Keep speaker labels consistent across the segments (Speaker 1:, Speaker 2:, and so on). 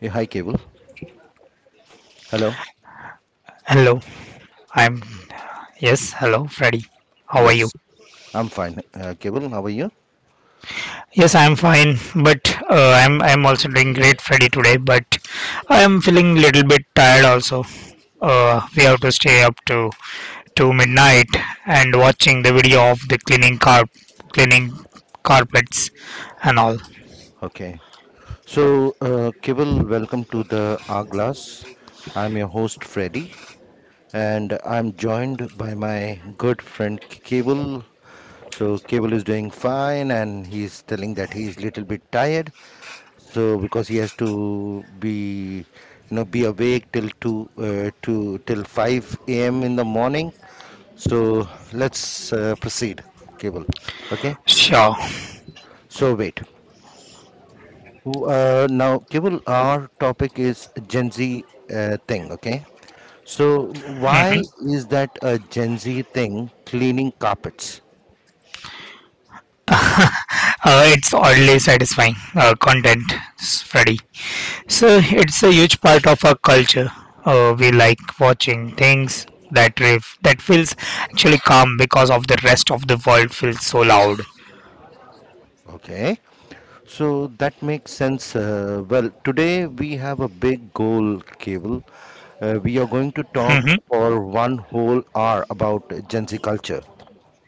Speaker 1: Hey, hi, Cable. Hello.
Speaker 2: Hello, I'm yes, hello, Freddy. How are you?
Speaker 1: Yes, I'm fine. Cable, how are you?
Speaker 2: Yes, I'm fine, but I'm also doing great, Freddy, today. But I'm feeling little bit tired also. We have to stay up to midnight and watching the video of the cleaning carpets and all.
Speaker 1: Okay. So, Cable, welcome to the Hourglass. I'm your host, Freddy, and I'm joined by my good friend Cable. So Cable is doing fine, and he's telling that he's little bit tired. So because he has to be, you know, be awake till two, two till five a.m. in the morning. So let's proceed, Cable. Okay.
Speaker 2: Sure.
Speaker 1: So wait. Now, Kevin, our topic is Gen Z thing, okay? So,
Speaker 2: hmm
Speaker 1: why is that a Gen Z thing cleaning carpets?
Speaker 2: it's oddly satisfying content, Freddy. So it's a huge part of our culture. We like watching things that feels actually calm because of the rest of the world feels so loud.
Speaker 1: Okay, so that makes sense. Well, today we have a big goal, Cable. We are going to talk
Speaker 2: Mhm.
Speaker 1: for one whole hour about Gen Z culture.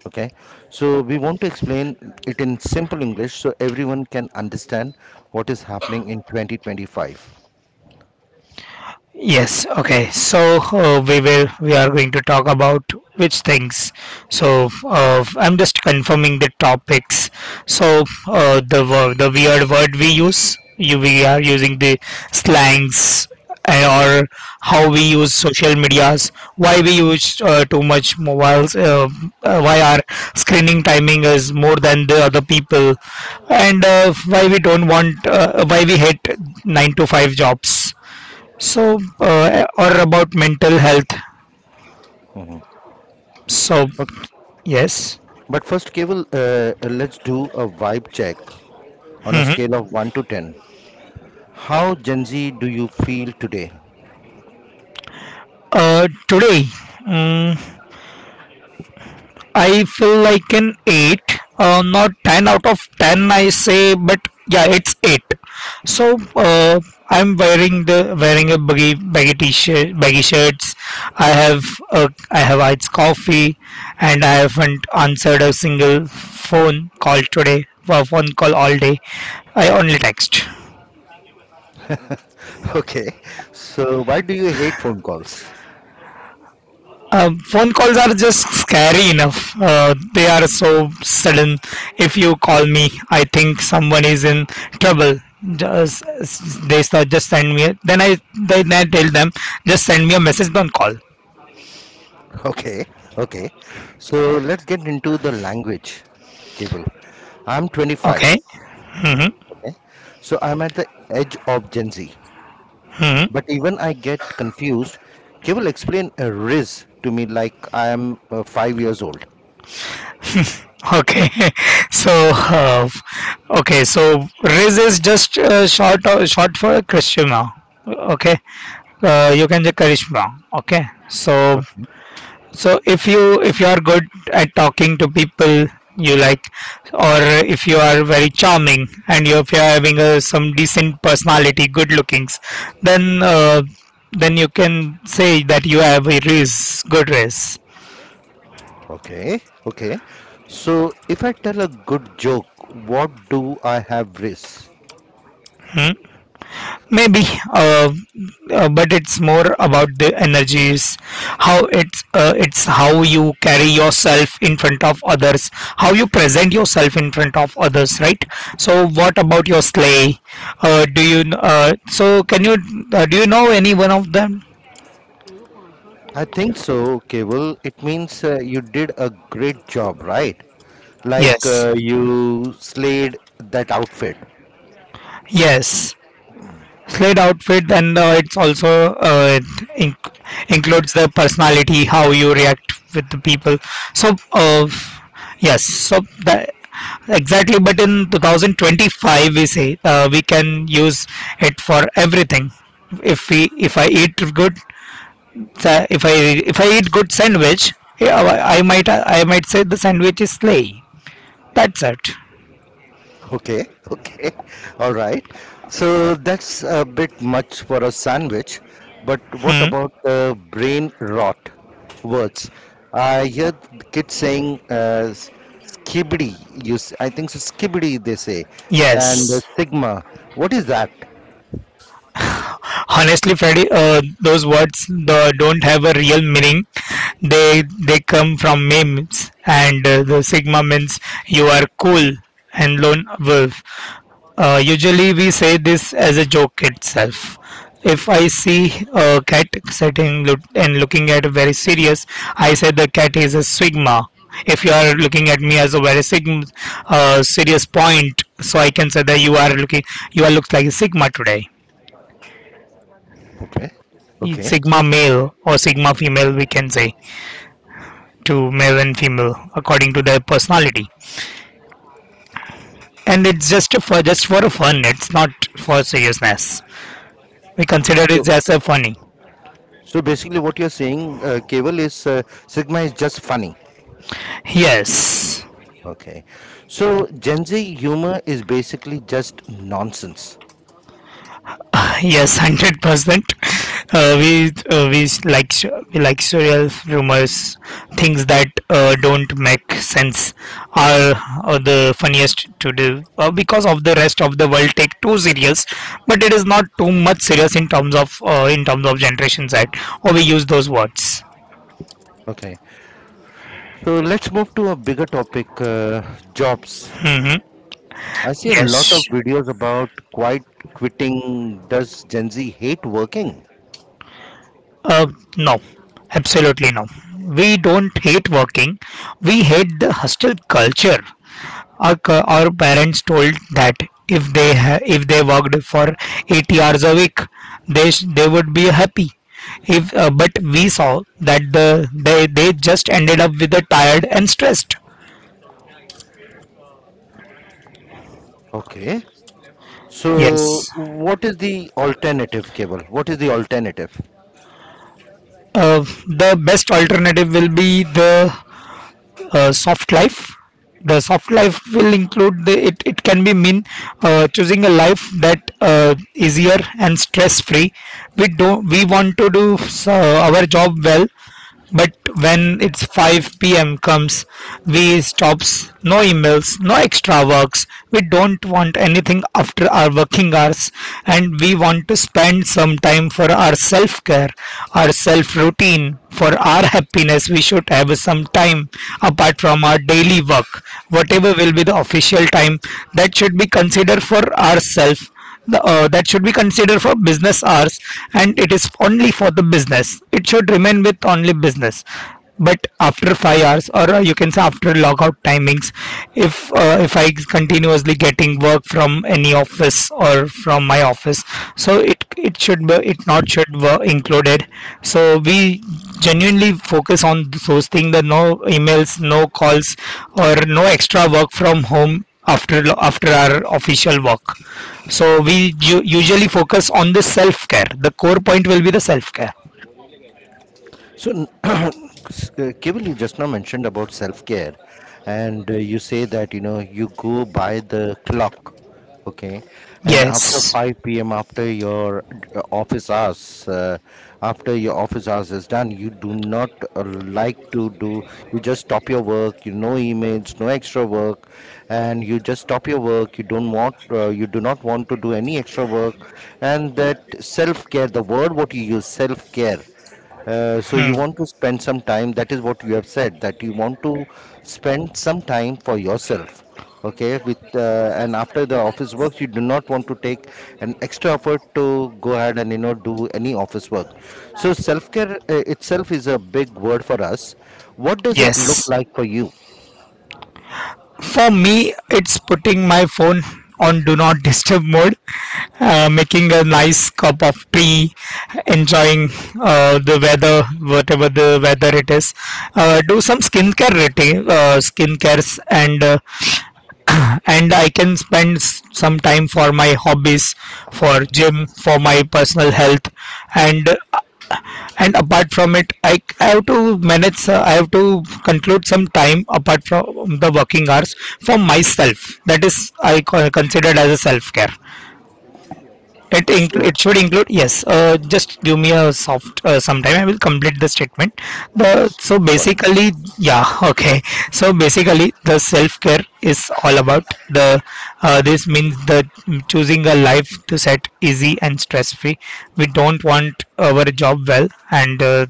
Speaker 1: Okay, so we want to explain it in simple English so everyone can understand what is happening in 2025.
Speaker 2: Yes, okay. So we are going to talk about which things. So I'm just confirming the topics. So the weird word we use, we are using the slangs, uh, or how we use social medias, why we use too much mobiles, why our screening timing is more than the other people, and why we don't want, why we hate 9 to 5 jobs, so, or about mental health. So, yes.
Speaker 1: But first, Keval, let's do a vibe check on a
Speaker 2: Mhm.
Speaker 1: scale of 1 to 10. How Gen Z do you feel today?
Speaker 2: Today, mm, I feel like an 8. Not 10 out of 10, I say, but yeah, it's 8. So, I'm wearing the wearing a baggy t-shirt, baggy shirts. I have I have iced coffee, and I haven't answered a single phone call today. Well, phone call all day. I only text.
Speaker 1: Okay, so why do you hate phone calls?
Speaker 2: Phone calls are just scary enough. They are so sudden. If you call me, I think someone is in trouble. Just they start, just send me. Then I tell them, just send me a message. Don't call.
Speaker 1: Okay, okay. So let's get into the language, Keval. I'm
Speaker 2: Okay.
Speaker 1: 25, okay? So I'm at the edge of Gen Z.
Speaker 2: hmm
Speaker 1: But even I get confused, Keval, explain a riz to me like I am 5 years old.
Speaker 2: Okay. so uh, okay. So Riz is just short for Krishna. Okay. You can just Karishma. Okay. So
Speaker 1: Okay.
Speaker 2: So if you are good at talking to people you like, or if you are very charming and you if you are having some decent personality, good lookings, then uh, then you can say that you have a race, good race.
Speaker 1: Okay, okay. So if I tell a good joke, what do I have risk?
Speaker 2: Hmm? Maybe. uh, but it's more about the energies, how it's how you carry yourself in front of others, how you present yourself in front of others, right? So what about your sleigh? Do you so can you Do you know any one of them?
Speaker 1: I think so, Cable. It means you did a great job, right? Like
Speaker 2: Yes.
Speaker 1: you slayed that outfit.
Speaker 2: Yes. Slate outfit, then it's also, includes the personality, how you react with the people. So yes, so that exactly. But in 2025, we say we can use it for everything. If I eat good, sa- if I if I eat good sandwich, yeah, I might say the sandwich is slay. That's it.
Speaker 1: Okay, okay, all right. So that's a bit much for a sandwich, but what
Speaker 2: Hmm.
Speaker 1: about the brain rot words? I hear the kids saying skibidi, I think so, skibidi they say,
Speaker 2: Yes.
Speaker 1: and sigma. What is that?
Speaker 2: Honestly, Freddy, those words, don't have a real meaning. They come from memes, and the sigma means you are cool and lone wolf. Usually we say this as a joke itself. If I see a cat sitting, looking at very serious, I say the cat is a sigma. If you are looking at me as a very sigma, serious point, so I can say that you are looks like a sigma today.
Speaker 1: Okay, okay.
Speaker 2: Sigma male or sigma female, we can say to male and female according to their personality, and it's just for a fun. It's not for seriousness. We
Speaker 1: all right.
Speaker 2: consider
Speaker 1: So,
Speaker 2: it as a funny.
Speaker 1: so basically, what you're saying, Keval, is sigma is just funny.
Speaker 2: Yes.
Speaker 1: Okay, so Gen Z humor is basically just nonsense.
Speaker 2: Yes. 100%. Uh, we uh, we s- like s- we like surreal rumors, things that don't make sense are, are the funniest to do, because of the rest of the world take too serious, but it is not too much serious in terms of Generation Z, or we use those words.
Speaker 1: Okay. So let's move to a bigger topic, jobs.
Speaker 2: Hmm.
Speaker 1: I see a lot
Speaker 2: Yes.
Speaker 1: of videos about quite quitting. Does Gen Z hate working?
Speaker 2: Uh, no, absolutely no. We don't hate working. We hate the hostile culture. Our, our parents told that if they worked for 80 hours a week, they would be happy, if but we saw that they just ended up with the tired and stressed.
Speaker 1: Okay. So,
Speaker 2: Yes,
Speaker 1: what is the alternative, Cable? What is the alternative?
Speaker 2: uh, the best alternative will be the soft life. The soft life will include it can be mean, choosing a life that easier and stress free. We don't We want to do our job well. But when it's 5 p.m comes, we stops. No emails, no extra works. We don't want anything after our working hours, and we want to spend some time for our self care, our self routine, for our happiness. We should have some time apart from our daily work, whatever will be the official time, that should be considered for ourselves. That should be considered for business hours, and it is only for the business, it should remain with only business. But after 5 hours, or you can say after logout timings, if I continuously getting work from any office or from my office, so it should be, it not should be included. So we genuinely focus on those things, that no emails, no calls, or no extra work from home after our official work. So we usually focus on the self care. The core point will be the self care.
Speaker 1: So, Kevil, you just now mentioned about self care, and you say that you know you go by the clock, okay, and after
Speaker 2: Yes.
Speaker 1: 5 p.m. after your office hours, after your office hours is done, you do not like to do. You just stop your work. You no emails, no extra work, and you just stop your work. You don't want. You do not want to do any extra work, and that self care. The word what you use, self care, so you
Speaker 2: Hmm.
Speaker 1: want to spend some time, that is what you have said, that you want to spend some time for yourself, okay, with and after the office work you do not want to take an extra effort to go ahead and you know do any office work. So self care itself is a big word for us. What does it look
Speaker 2: Yes.
Speaker 1: like for you?
Speaker 2: For me, it's putting my phone on do not disturb mode, making a nice cup of tea, enjoying the weather, whatever the weather it is. Do some skincare routine, skincares, and I can spend some time for my hobbies, for gym, for my personal health, and and apart from it, I have to conclude some time apart from the working hours for myself. That is considered as a self care.
Speaker 1: So
Speaker 2: It should include. Yes, just give me a soft, sometime I will complete the statement. The
Speaker 1: yes,
Speaker 2: So
Speaker 1: sorry.
Speaker 2: basically, yeah. Okay. So basically, the self care is all about the this means the choosing a life to set easy and stress free. We don't want our job well, and uh,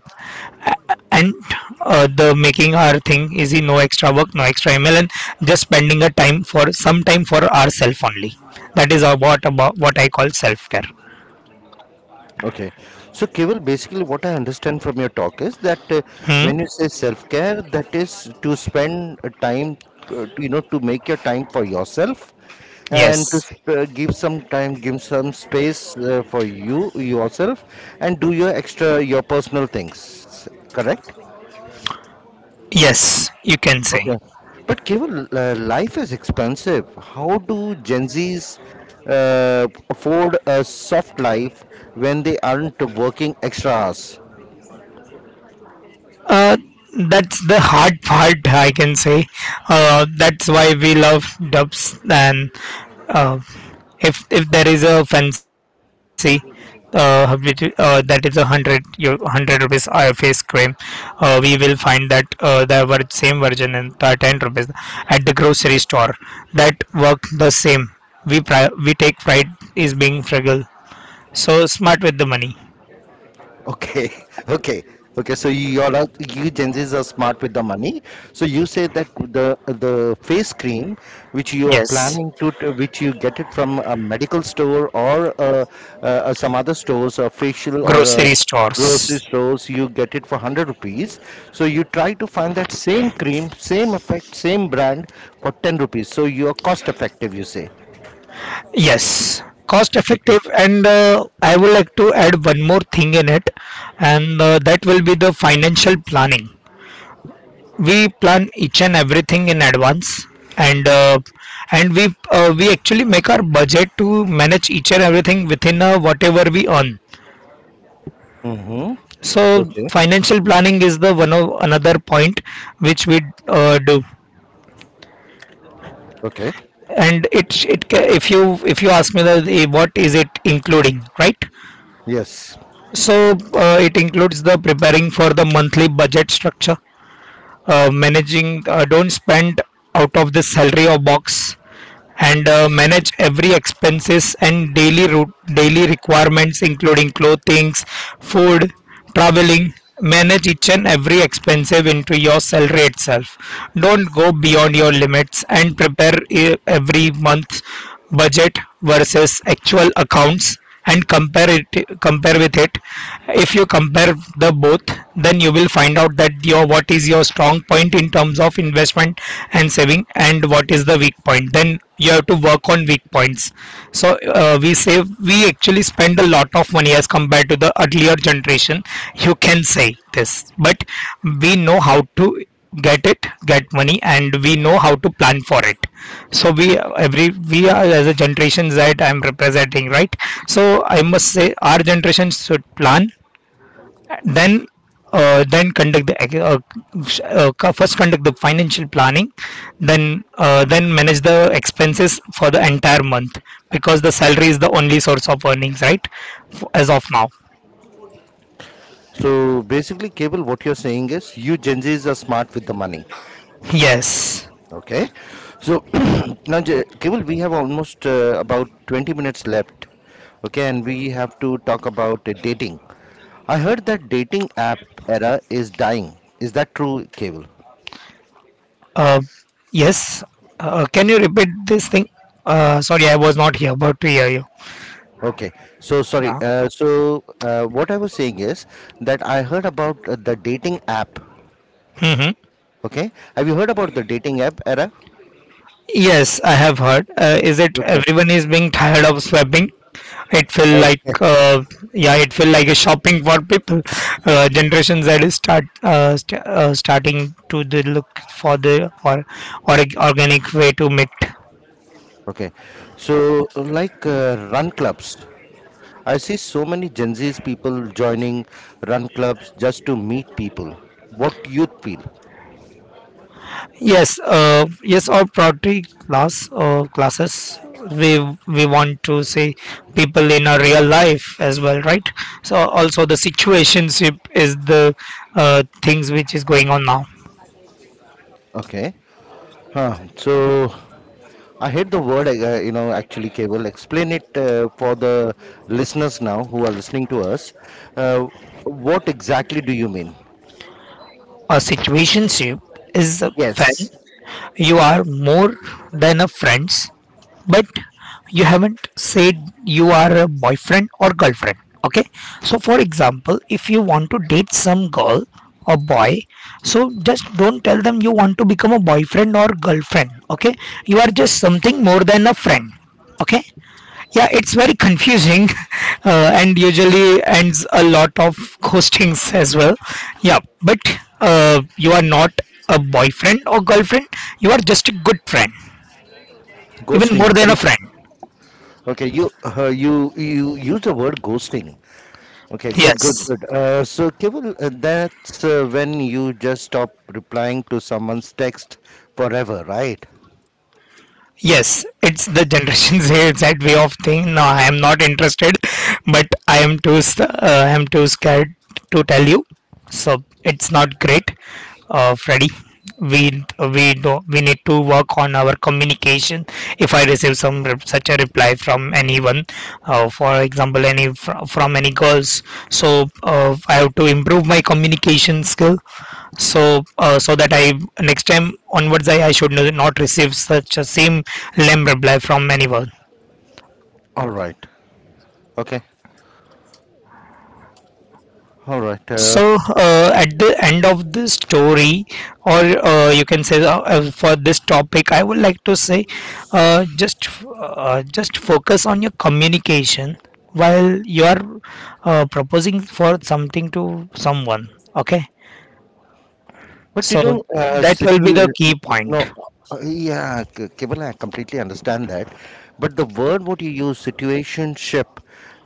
Speaker 2: and the making our thing is the no extra work, no extra email, and just spending a time for some time for ourselves only. That is about what I call self care.
Speaker 1: Okay. So, Keval, basically, what I understand from your talk is that when you
Speaker 2: Hmm?
Speaker 1: say self care, that is to spend a time, you know, to make your time for yourself and to
Speaker 2: Yes.
Speaker 1: give some time, give some space, for you, yourself, and do your extra, your personal things. Correct?
Speaker 2: Yes, you can say.
Speaker 1: Okay. But Keval, life is expensive. How do Gen Zs afford a soft life when they aren't working extra hours?
Speaker 2: That's the hard part, I can say. That's why we love dubs, and uh, if there is a fancy, which, that is a hundred your 100 rupees eye face cream, we will find that same version in the 10 rupees at the grocery store that work the same. We take pride is being frugal, so smart with the money.
Speaker 1: Okay, okay, okay. So you're out, you Gen Zs are smart with the money. So you say that the face cream which you are
Speaker 2: Yes,
Speaker 1: planning to, which you get it from a medical store or some other stores, or facial or a
Speaker 2: grocery
Speaker 1: grocery
Speaker 2: stores.
Speaker 1: stores, you get it for 100 rupees. So you try to find that same cream, same effect, same brand for 10 rupees. So you are cost effective. You say.
Speaker 2: Yes, cost
Speaker 1: Okay.
Speaker 2: effective, and I would like to add one more thing in it, and that will be the financial planning. We plan each and everything in advance, and uh, and we actually make our budget to manage each and everything within, whatever we earn.
Speaker 1: Mm-hmm.
Speaker 2: So
Speaker 1: Okay.
Speaker 2: financial planning is the one of another point which we, do.
Speaker 1: Okay.
Speaker 2: And if you, ask me that, what is it including, right?
Speaker 1: Yes.
Speaker 2: So it includes the preparing for the monthly budget structure, managing, don't spend out of the salary or box, and manage every expenses and daily requirements including clothings, food, traveling. Manage each and every expensive into your salary itself, don't go beyond your limits, and prepare every month budget versus actual accounts, and compare it, compare with it. If you compare the both, then you will find out that your, what is your strong point in terms of investment and saving, and what is the weak point, then you have to work on weak points. So we actually spend a lot of money as compared to the earlier generation, you can say this, but we know how to get it get money, and we know how to plan for it. So we are as a generation that I'm representing, right? So I must say our generation should plan, then then conduct the, first conduct the financial planning, then manage the expenses for the entire month, because the salary is the only source of earnings, right? As of now.
Speaker 1: So basically, Cable, what you're saying is you Gen Zs are smart with the money.
Speaker 2: Yes.
Speaker 1: Okay. So now, Cable, we have almost about 20 minutes left. Okay. And we have to talk about dating. I heard that dating app era is dying. Is that true, Cable?
Speaker 2: Uh, yes. Can you repeat this thing? Sorry, I was not here, but we hear you.
Speaker 1: Okay. So sorry.
Speaker 2: Yeah.
Speaker 1: So what I was saying is that I heard about the dating app.
Speaker 2: hmm
Speaker 1: Okay. Have you heard about the dating app era?
Speaker 2: Yes, I have heard. Is it
Speaker 1: Okay.
Speaker 2: everyone is being tired of swapping? It feel like,
Speaker 1: Okay.
Speaker 2: uh, yeah, it feel like a shopping for people. Generation Z is starting to the look for the, or organic way to meet.
Speaker 1: Okay, so like run clubs, I see so many Gen Z's people joining run clubs just to meet people. What do you feel?
Speaker 2: Yes, yes, or priority class or classes. We we want to see people in a real life as well, right? So also the situationship is the things which is going on now.
Speaker 1: Okay, huh. So I hate the word, you know, actually, cable. Explain it for the listeners now who are listening to us. Uh, what exactly do you mean?
Speaker 2: A situationship is when
Speaker 1: Yes,
Speaker 2: you are more than a friends but you haven't said you are a boyfriend or girlfriend, okay? So for example, if you want to date some girl or boy, so just don't tell them you want to become a boyfriend or girlfriend, okay? You are just something more than a friend, okay? Yeah, it's very confusing. And usually ends a lot of ghostings as well, yeah. But you are not a boyfriend or girlfriend, you are just a good friend, even more
Speaker 1: ghosting.
Speaker 2: than a
Speaker 1: Very
Speaker 2: friend,
Speaker 1: okay. You you you use the word ghosting. Okay, good, good,
Speaker 2: yes.
Speaker 1: good. So, Kevil, that's when you just stop replying to someone's text forever, right?
Speaker 2: Yes, it's the Generation Z that way of thing. No, I am not interested, but I am too scared to tell you. So it's not great, Freddy. We we do we need to work on our communication. If I receive such a reply from anyone, for example, from any girls, so I have to improve my communication skill, so so that I next time onwards I should not receive such a same lame reply from anyone.
Speaker 1: All right. Okay. All right. Uh,
Speaker 2: So at the end of the story, or you can say, for this topic I would like to say, uh, just just focus on your communication while you are proposing for something to someone, okay?
Speaker 1: But you
Speaker 2: So
Speaker 1: know,
Speaker 2: that will be the key point,
Speaker 1: no, yeah, Keval, I completely understand that. But the word what you use, situationship,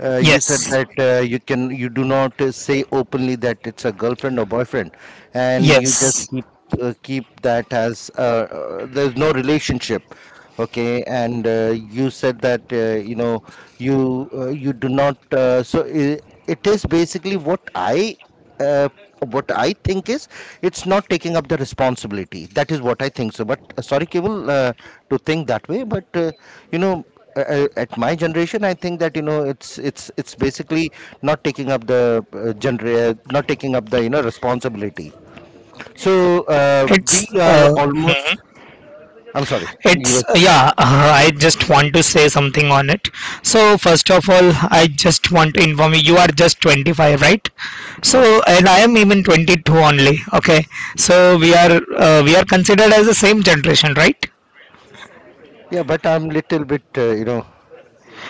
Speaker 1: you said
Speaker 2: yes.
Speaker 1: that you can, you do not say openly that it's a girlfriend or boyfriend, and you just
Speaker 2: yes
Speaker 1: keep keep that as there's no relationship. Okay, and you said that you know you do not. So I it is basically uh, what I think is it's not taking up the responsibility. That is what I think. So, but sorry, Cable, to think that way. But you know, at my generation, I think that you know it's it's basically not taking up the not taking up the you know responsibility. So we
Speaker 2: it's
Speaker 1: are
Speaker 2: uh,
Speaker 1: almost. I'm sorry, you
Speaker 2: It's
Speaker 1: were.
Speaker 2: yeah, I just want to say something on it. So first of all, I just want to inform you you are just 25, right? So
Speaker 1: Yes.
Speaker 2: and I am even 22 only. Okay. So we are considered as the same generation, right?
Speaker 1: Yeah, but I'm little bit you know.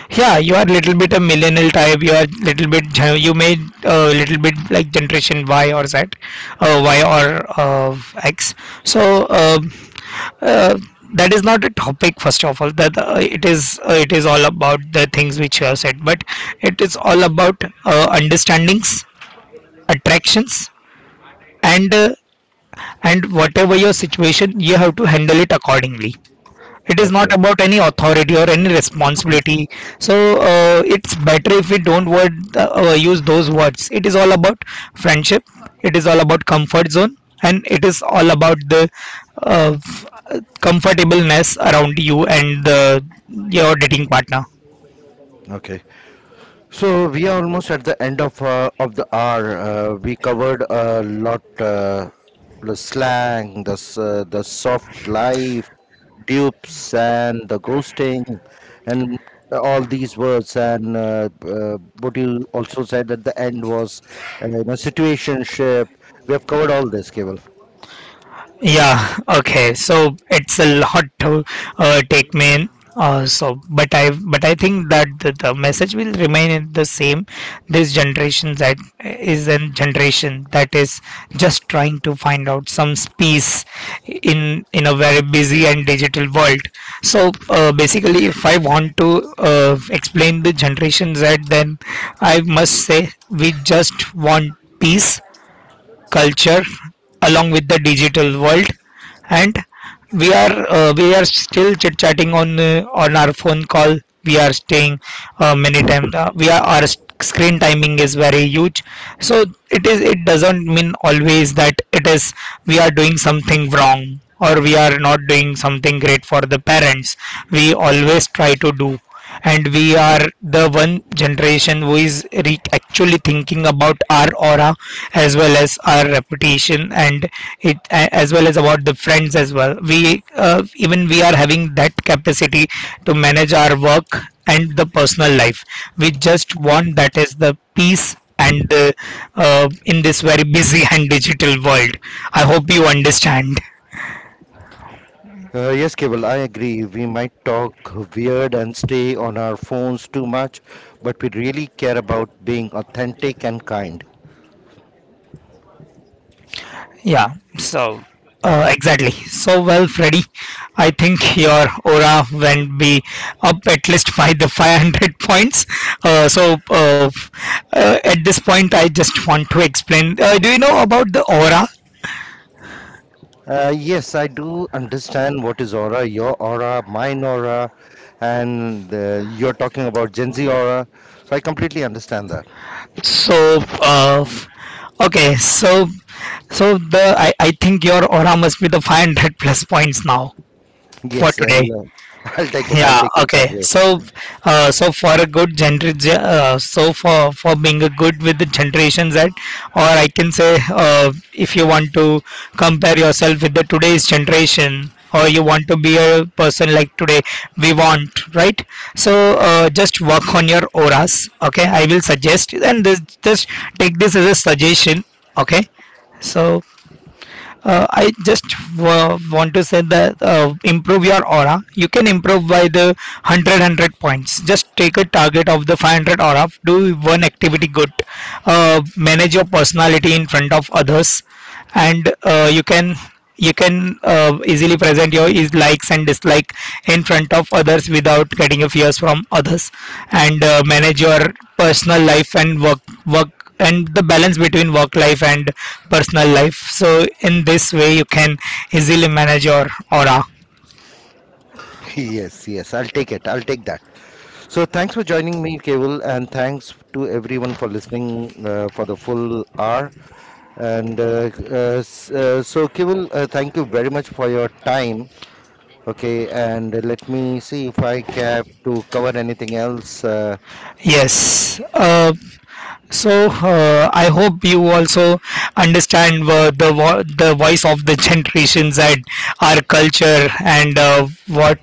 Speaker 2: Yeah, you are little bit a millennial type. You are little bit you may little bit like generation Y or Z, Y or X. So uh, that is not a topic first of all, that it is all about the things which you have said, but it is all about understandings, attractions, and uh, and whatever your situation, you have to handle it accordingly. It is not
Speaker 1: Okay.
Speaker 2: about any authority or any responsibility. So it's better if we don't word use those words. It is all about friendship, it is all about comfort zone, and it is all about the uh, comfortableness around you and the, your dating partner.
Speaker 1: Okay. So we are almost at the end of the hour. We covered a lot: uh, the slang, the soft life, dupes, and the ghosting, and all these words. And uh, what you also said at the end was, you know, situationship. We have covered all this, Cable.
Speaker 2: Yeah, okay. So it's a lot to take me in. So, but I think that the message will remain in the same. This generation, that is a generation that is just trying to find out some peace in a very busy and digital world. So basically, if I want to explain the generation Z, then I must say we just want peace culture along with the digital world, and we are still chit chatting on our phone call. We are staying, many times we are screen timing is very huge. So it is, it doesn't mean always that it is we are doing something wrong or we are not doing something great for the parents. We always try to do, and we are the one generation who is actually thinking about our aura as well as our reputation, and as well as about the friends as well. We even we are having that capacity to manage our work and the personal life. We just want that is the peace and the in this very busy and digital world. I hope you understand.
Speaker 1: Yes, Cable, I agree. We might talk weird and stay on our phones too much, but we really care about being authentic and kind.
Speaker 2: Yeah, so exactly. So well, Freddy. I think your aura went be up at least by the 500 points. Uh, so uh, at this point, I just want to explain. Do you know about the aura?
Speaker 1: Yes, I do understand what is aura, your aura, mine aura, and you're talking about Gen Z aura. So I completely understand that.
Speaker 2: So okay. So so I think your aura must be the 500 plus points now for
Speaker 1: Yes,
Speaker 2: today.
Speaker 1: I'll, uh, I'll take it. I'll
Speaker 2: Yeah,
Speaker 1: take it that
Speaker 2: okay.
Speaker 1: way.
Speaker 2: So so for a good so for being a good with the generation z, or I can say, uh, if you want to compare yourself with the today's generation, or you want to be a person like today, we want, right? So just work on your auras. Okay, I will suggest, and this, just take this as a suggestion, okay? So I just want to say that improve your aura. You can improve by the 100 points. Just take a target of the 500 aura. Do one activity good. Manage your personality in front of others, and you can you can easily present your likes and dislike in front of others without getting a fears from others, and manage your personal life and work, work, and the balance between work life and personal life. So in this way you can easily manage your aura.
Speaker 1: Yes, yes, I'll take it. I'll take that. So thanks for joining me, Kevil, and thanks to everyone for listening for the full hour. And So, Kevil, thank you very much for your time. Okay, and let me see if I have to cover anything else.
Speaker 2: Yes, uh, so I hope you also understand the voice of the generations and our culture and what,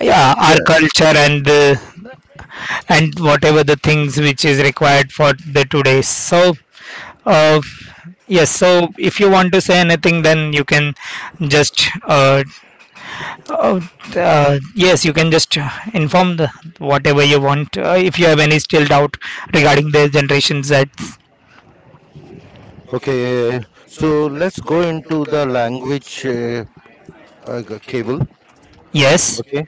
Speaker 2: yeah, our
Speaker 1: Yeah.
Speaker 2: culture and the and whatever the things which is required for the today. So uh, yes, so if you want to say anything then you can just yes, you can just inform the whatever you want, if you have any still doubt regarding the generation z.
Speaker 1: Okay. yeah, yeah, yeah. So let's go into the language, cable.
Speaker 2: Yes.
Speaker 1: Okay.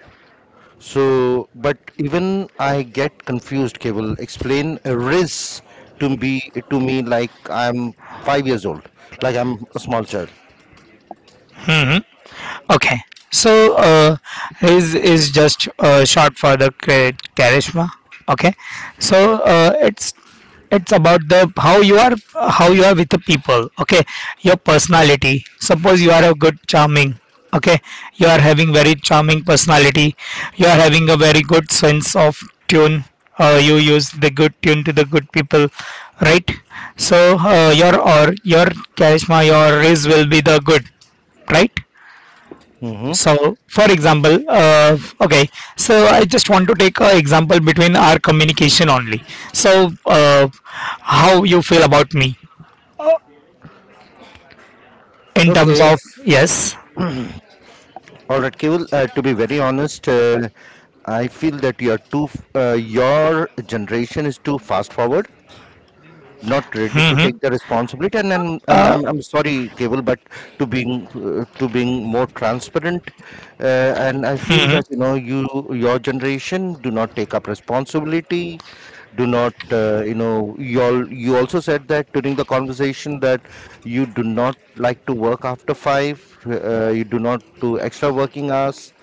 Speaker 1: So, but even I get confused. Cable, explain a riz to be to me like I'm 5 years old, like I'm a small child.
Speaker 2: Hmm. Okay, so his is just short for the charisma. Okay, so it's about the how you are, how you are with the people. Okay, your personality. Suppose you are a good charming. Okay, you are having very charming personality. You are having a very good sense of tune. You use the good tune to the good people, right? So your or your charisma, your raise will be the good, right?
Speaker 1: hmm
Speaker 2: So, for example, okay, so I just want to take an example between our communication only. So, how you feel about me uh, in terms
Speaker 1: Okay.
Speaker 2: of yes,
Speaker 1: All right, Kevil. To be very honest, I feel that you are too. Your generation is too fast forward. Not ready to
Speaker 2: hmm
Speaker 1: take the responsibility and I'm, I'm,
Speaker 2: uh,
Speaker 1: I'm, I'm sorry cable but to being more transparent, and I feel
Speaker 2: hmm
Speaker 1: that you know your generation do not take up responsibility, do not you know, you all you also said that during the conversation that you do not like to work after five, you do not do extra working hours.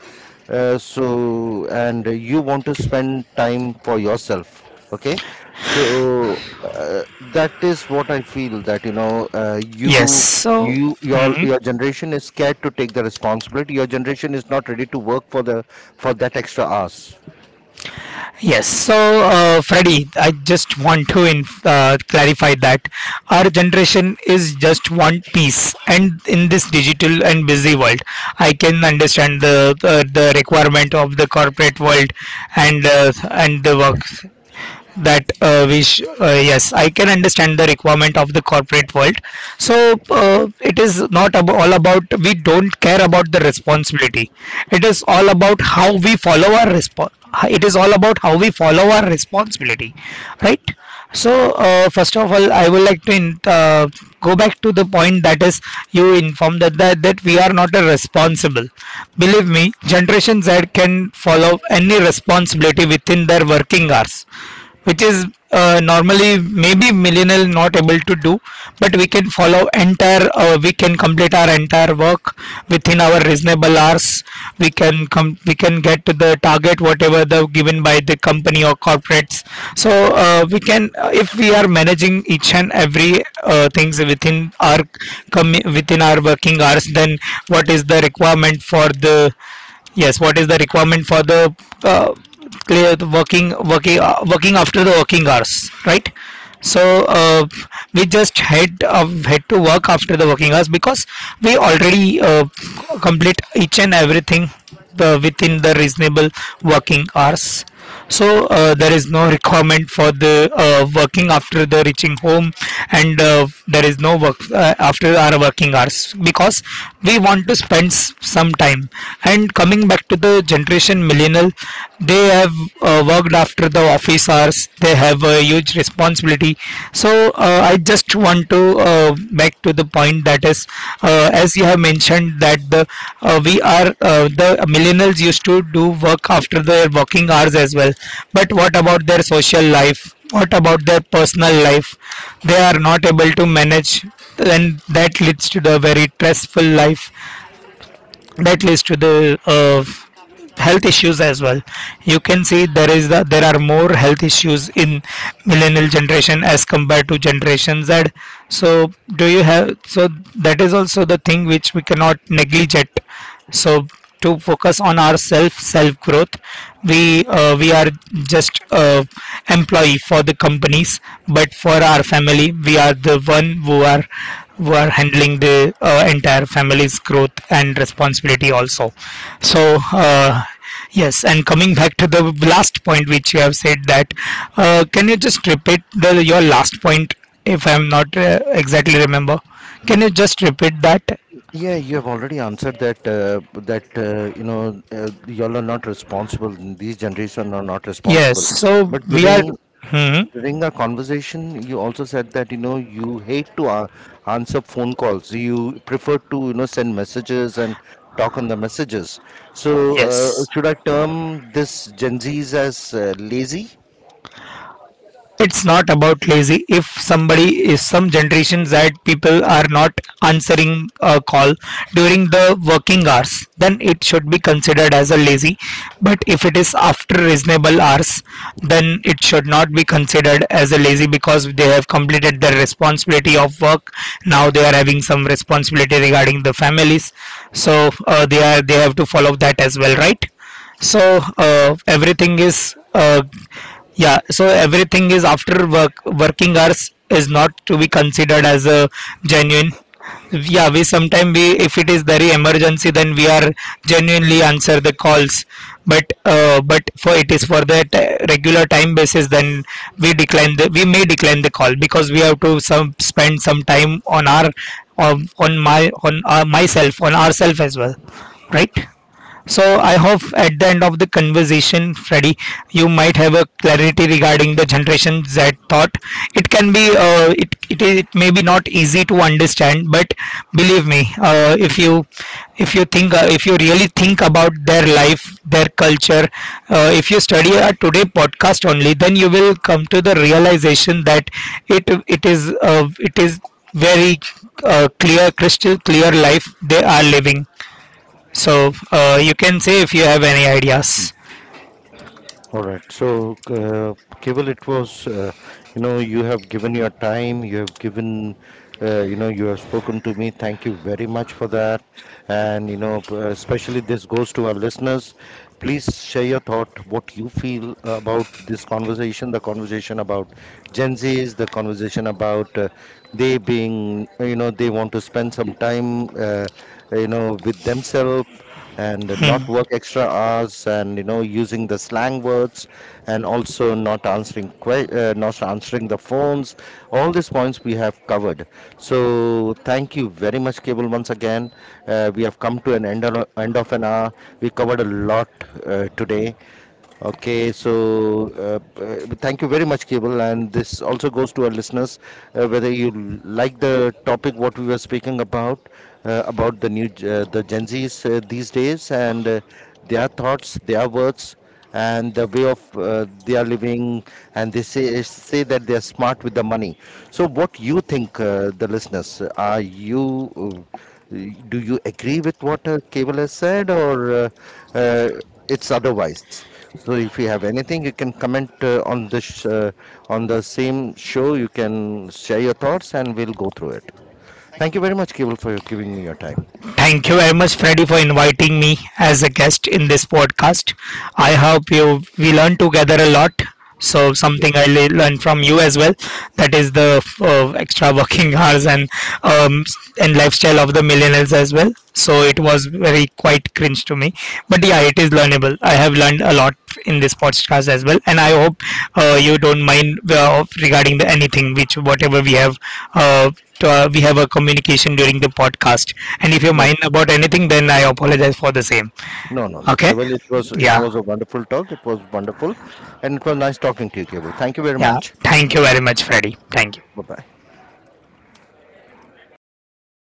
Speaker 1: So and you want to spend time for yourself, okay. So that is what I feel that you know
Speaker 2: yes, so,
Speaker 1: you
Speaker 2: hmm.
Speaker 1: your generation is scared to take the responsibility. Your generation is not ready to work for the for that extra hours.
Speaker 2: Yes, so Freddy, I just want to clarify that our generation is just one piece, and in this digital and busy world, I can understand the requirement of the corporate world and the work, that yes I can understand the requirement of the corporate world. So it is not all about we don't care about the responsibility. It is all about how we follow it is all about how we follow our responsibility, right? So, first of all, I would like to go back to the point, that is, you informed that we are not a responsible. Believe me, Generation Z can follow any responsibility within their working hours, which is normally maybe millennial not able to do, but we can follow entire. We can complete our entire work within our reasonable hours. We can get to the target whatever the given by the company or corporates. So we can if we are managing each and every things within our within our working hours, then what is the requirement for the, yes, what is the requirement for the uh, clear the working after the working hours, right? So uh, we just head to work after the working hours because we already complete each and everything the within the reasonable working hours. So there is no requirement for the working after the reaching home, and there is no work after our working hours because we want to spend some time. And coming back to the generation millennial, they have worked after the office hours, they have a huge responsibility. So I just want to uh, back to the point, that is, as you have mentioned that the we are the millennials used to do work after their working hours as well. But what about their social life? What about their personal life? They are not able to manage, and that leads to the very stressful life. That leads to the health issues as well. You can see there is there are more health issues in millennial generation as compared to generation z. So do you have, so that is also the thing which we cannot neglect. So to focus on our self growth, we are just uh, employee for the companies, but for our family we are the one who are handling the entire family's growth and responsibility also. So uh, yes, and coming back to the last point which you have said, that can you just repeat the your last point, if I'm not exactly remember, can you just repeat that?
Speaker 1: Yeah, you have already answered that, that you know, y'all are not responsible, these generation are not
Speaker 2: Yes,
Speaker 1: responsible.
Speaker 2: so
Speaker 1: But
Speaker 2: we are
Speaker 1: during
Speaker 2: Mhm.
Speaker 1: During our conversation you also said that you know you hate to answer phone calls, you prefer to you know send messages and talk on the messages. So
Speaker 2: Yes.
Speaker 1: should I term this Gen Z's as lazy?
Speaker 2: It's not about lazy. If somebody is, some generations that people are not answering a call during the working hours, then it should be considered as a lazy. But if it is after reasonable hours, then it should not be considered as a lazy because they have completed their responsibility of work. Now they are having some responsibility regarding the families. So they are, they have to follow that as well, right? So everything is yeah, so everything is after work, working hours is not to be considered as a genuine. Yeah, we sometimes we, if it is very emergency, then we are genuinely answer the calls. But but for it is for that regular time basis, then we decline the, we may decline the call because we have to some spend some time on our on myself on ourself as well, right? So I hope at the end of the conversation, Freddy, you might have a clarity regarding the Generation Z thought. It can be, it is, it may be not easy to understand, but believe me, if you think, if you really think about their life, their culture, if you study a today podcast only, then you will come to the realization that it is very clear, crystal clear life they are living. So you can say if you have any ideas.
Speaker 1: All right. So, Keval, it was, you know, you have given your time, you have given, you know, you have spoken to me. Thank you very much for that. And, you know, especially this goes to our listeners. Please share your thought, what you feel about this conversation, the conversation about Gen Zs, the conversation about they being, you know, they want to spend some time, you know, with themselves, and
Speaker 2: Hmm.
Speaker 1: not work extra hours, and you know using the slang words, and also not answering not answering the phones. All these points we have covered. So thank you very much cable once again. We have come to an end of an hour. We covered a lot today. Okay, so thank you very much, Cable. And this also goes to our listeners, whether you like the topic what we were speaking about, about the new the Gen Zs these days and their thoughts, their words, and the way of they are living. And they say that they are smart with the money. So, what you think, the listeners? Are you do you agree with what Cable has said, or uh, it's otherwise? So, if you have anything, you can comment uh, on on the same show. You can share your thoughts, and we'll go through it. Thank you very much, Cable, for giving me your time.
Speaker 2: Thank you very much, Freddy, for inviting me as a guest in this podcast. I hope you we learn together a lot. So
Speaker 1: Yes.
Speaker 2: something I learned from you as well. That is the extra working hours um, and lifestyle of the millennials as well. So it was very quite cringe to me, but yeah, it is learnable. I have learned a lot in this podcast as well, and I hope you don't mind regarding the anything which whatever uh, we have a communication during the podcast. And if you're
Speaker 1: No.
Speaker 2: mind about anything, then I apologize for the same.
Speaker 1: No, no, no,
Speaker 2: Okay?
Speaker 1: Cable. It was it
Speaker 2: Yeah.
Speaker 1: was a wonderful talk. It was wonderful, and it was nice talking to you, Cable. Thank you very
Speaker 2: Yeah.
Speaker 1: much.
Speaker 2: Thank you very much, Freddy. Thank you.
Speaker 1: Bye bye.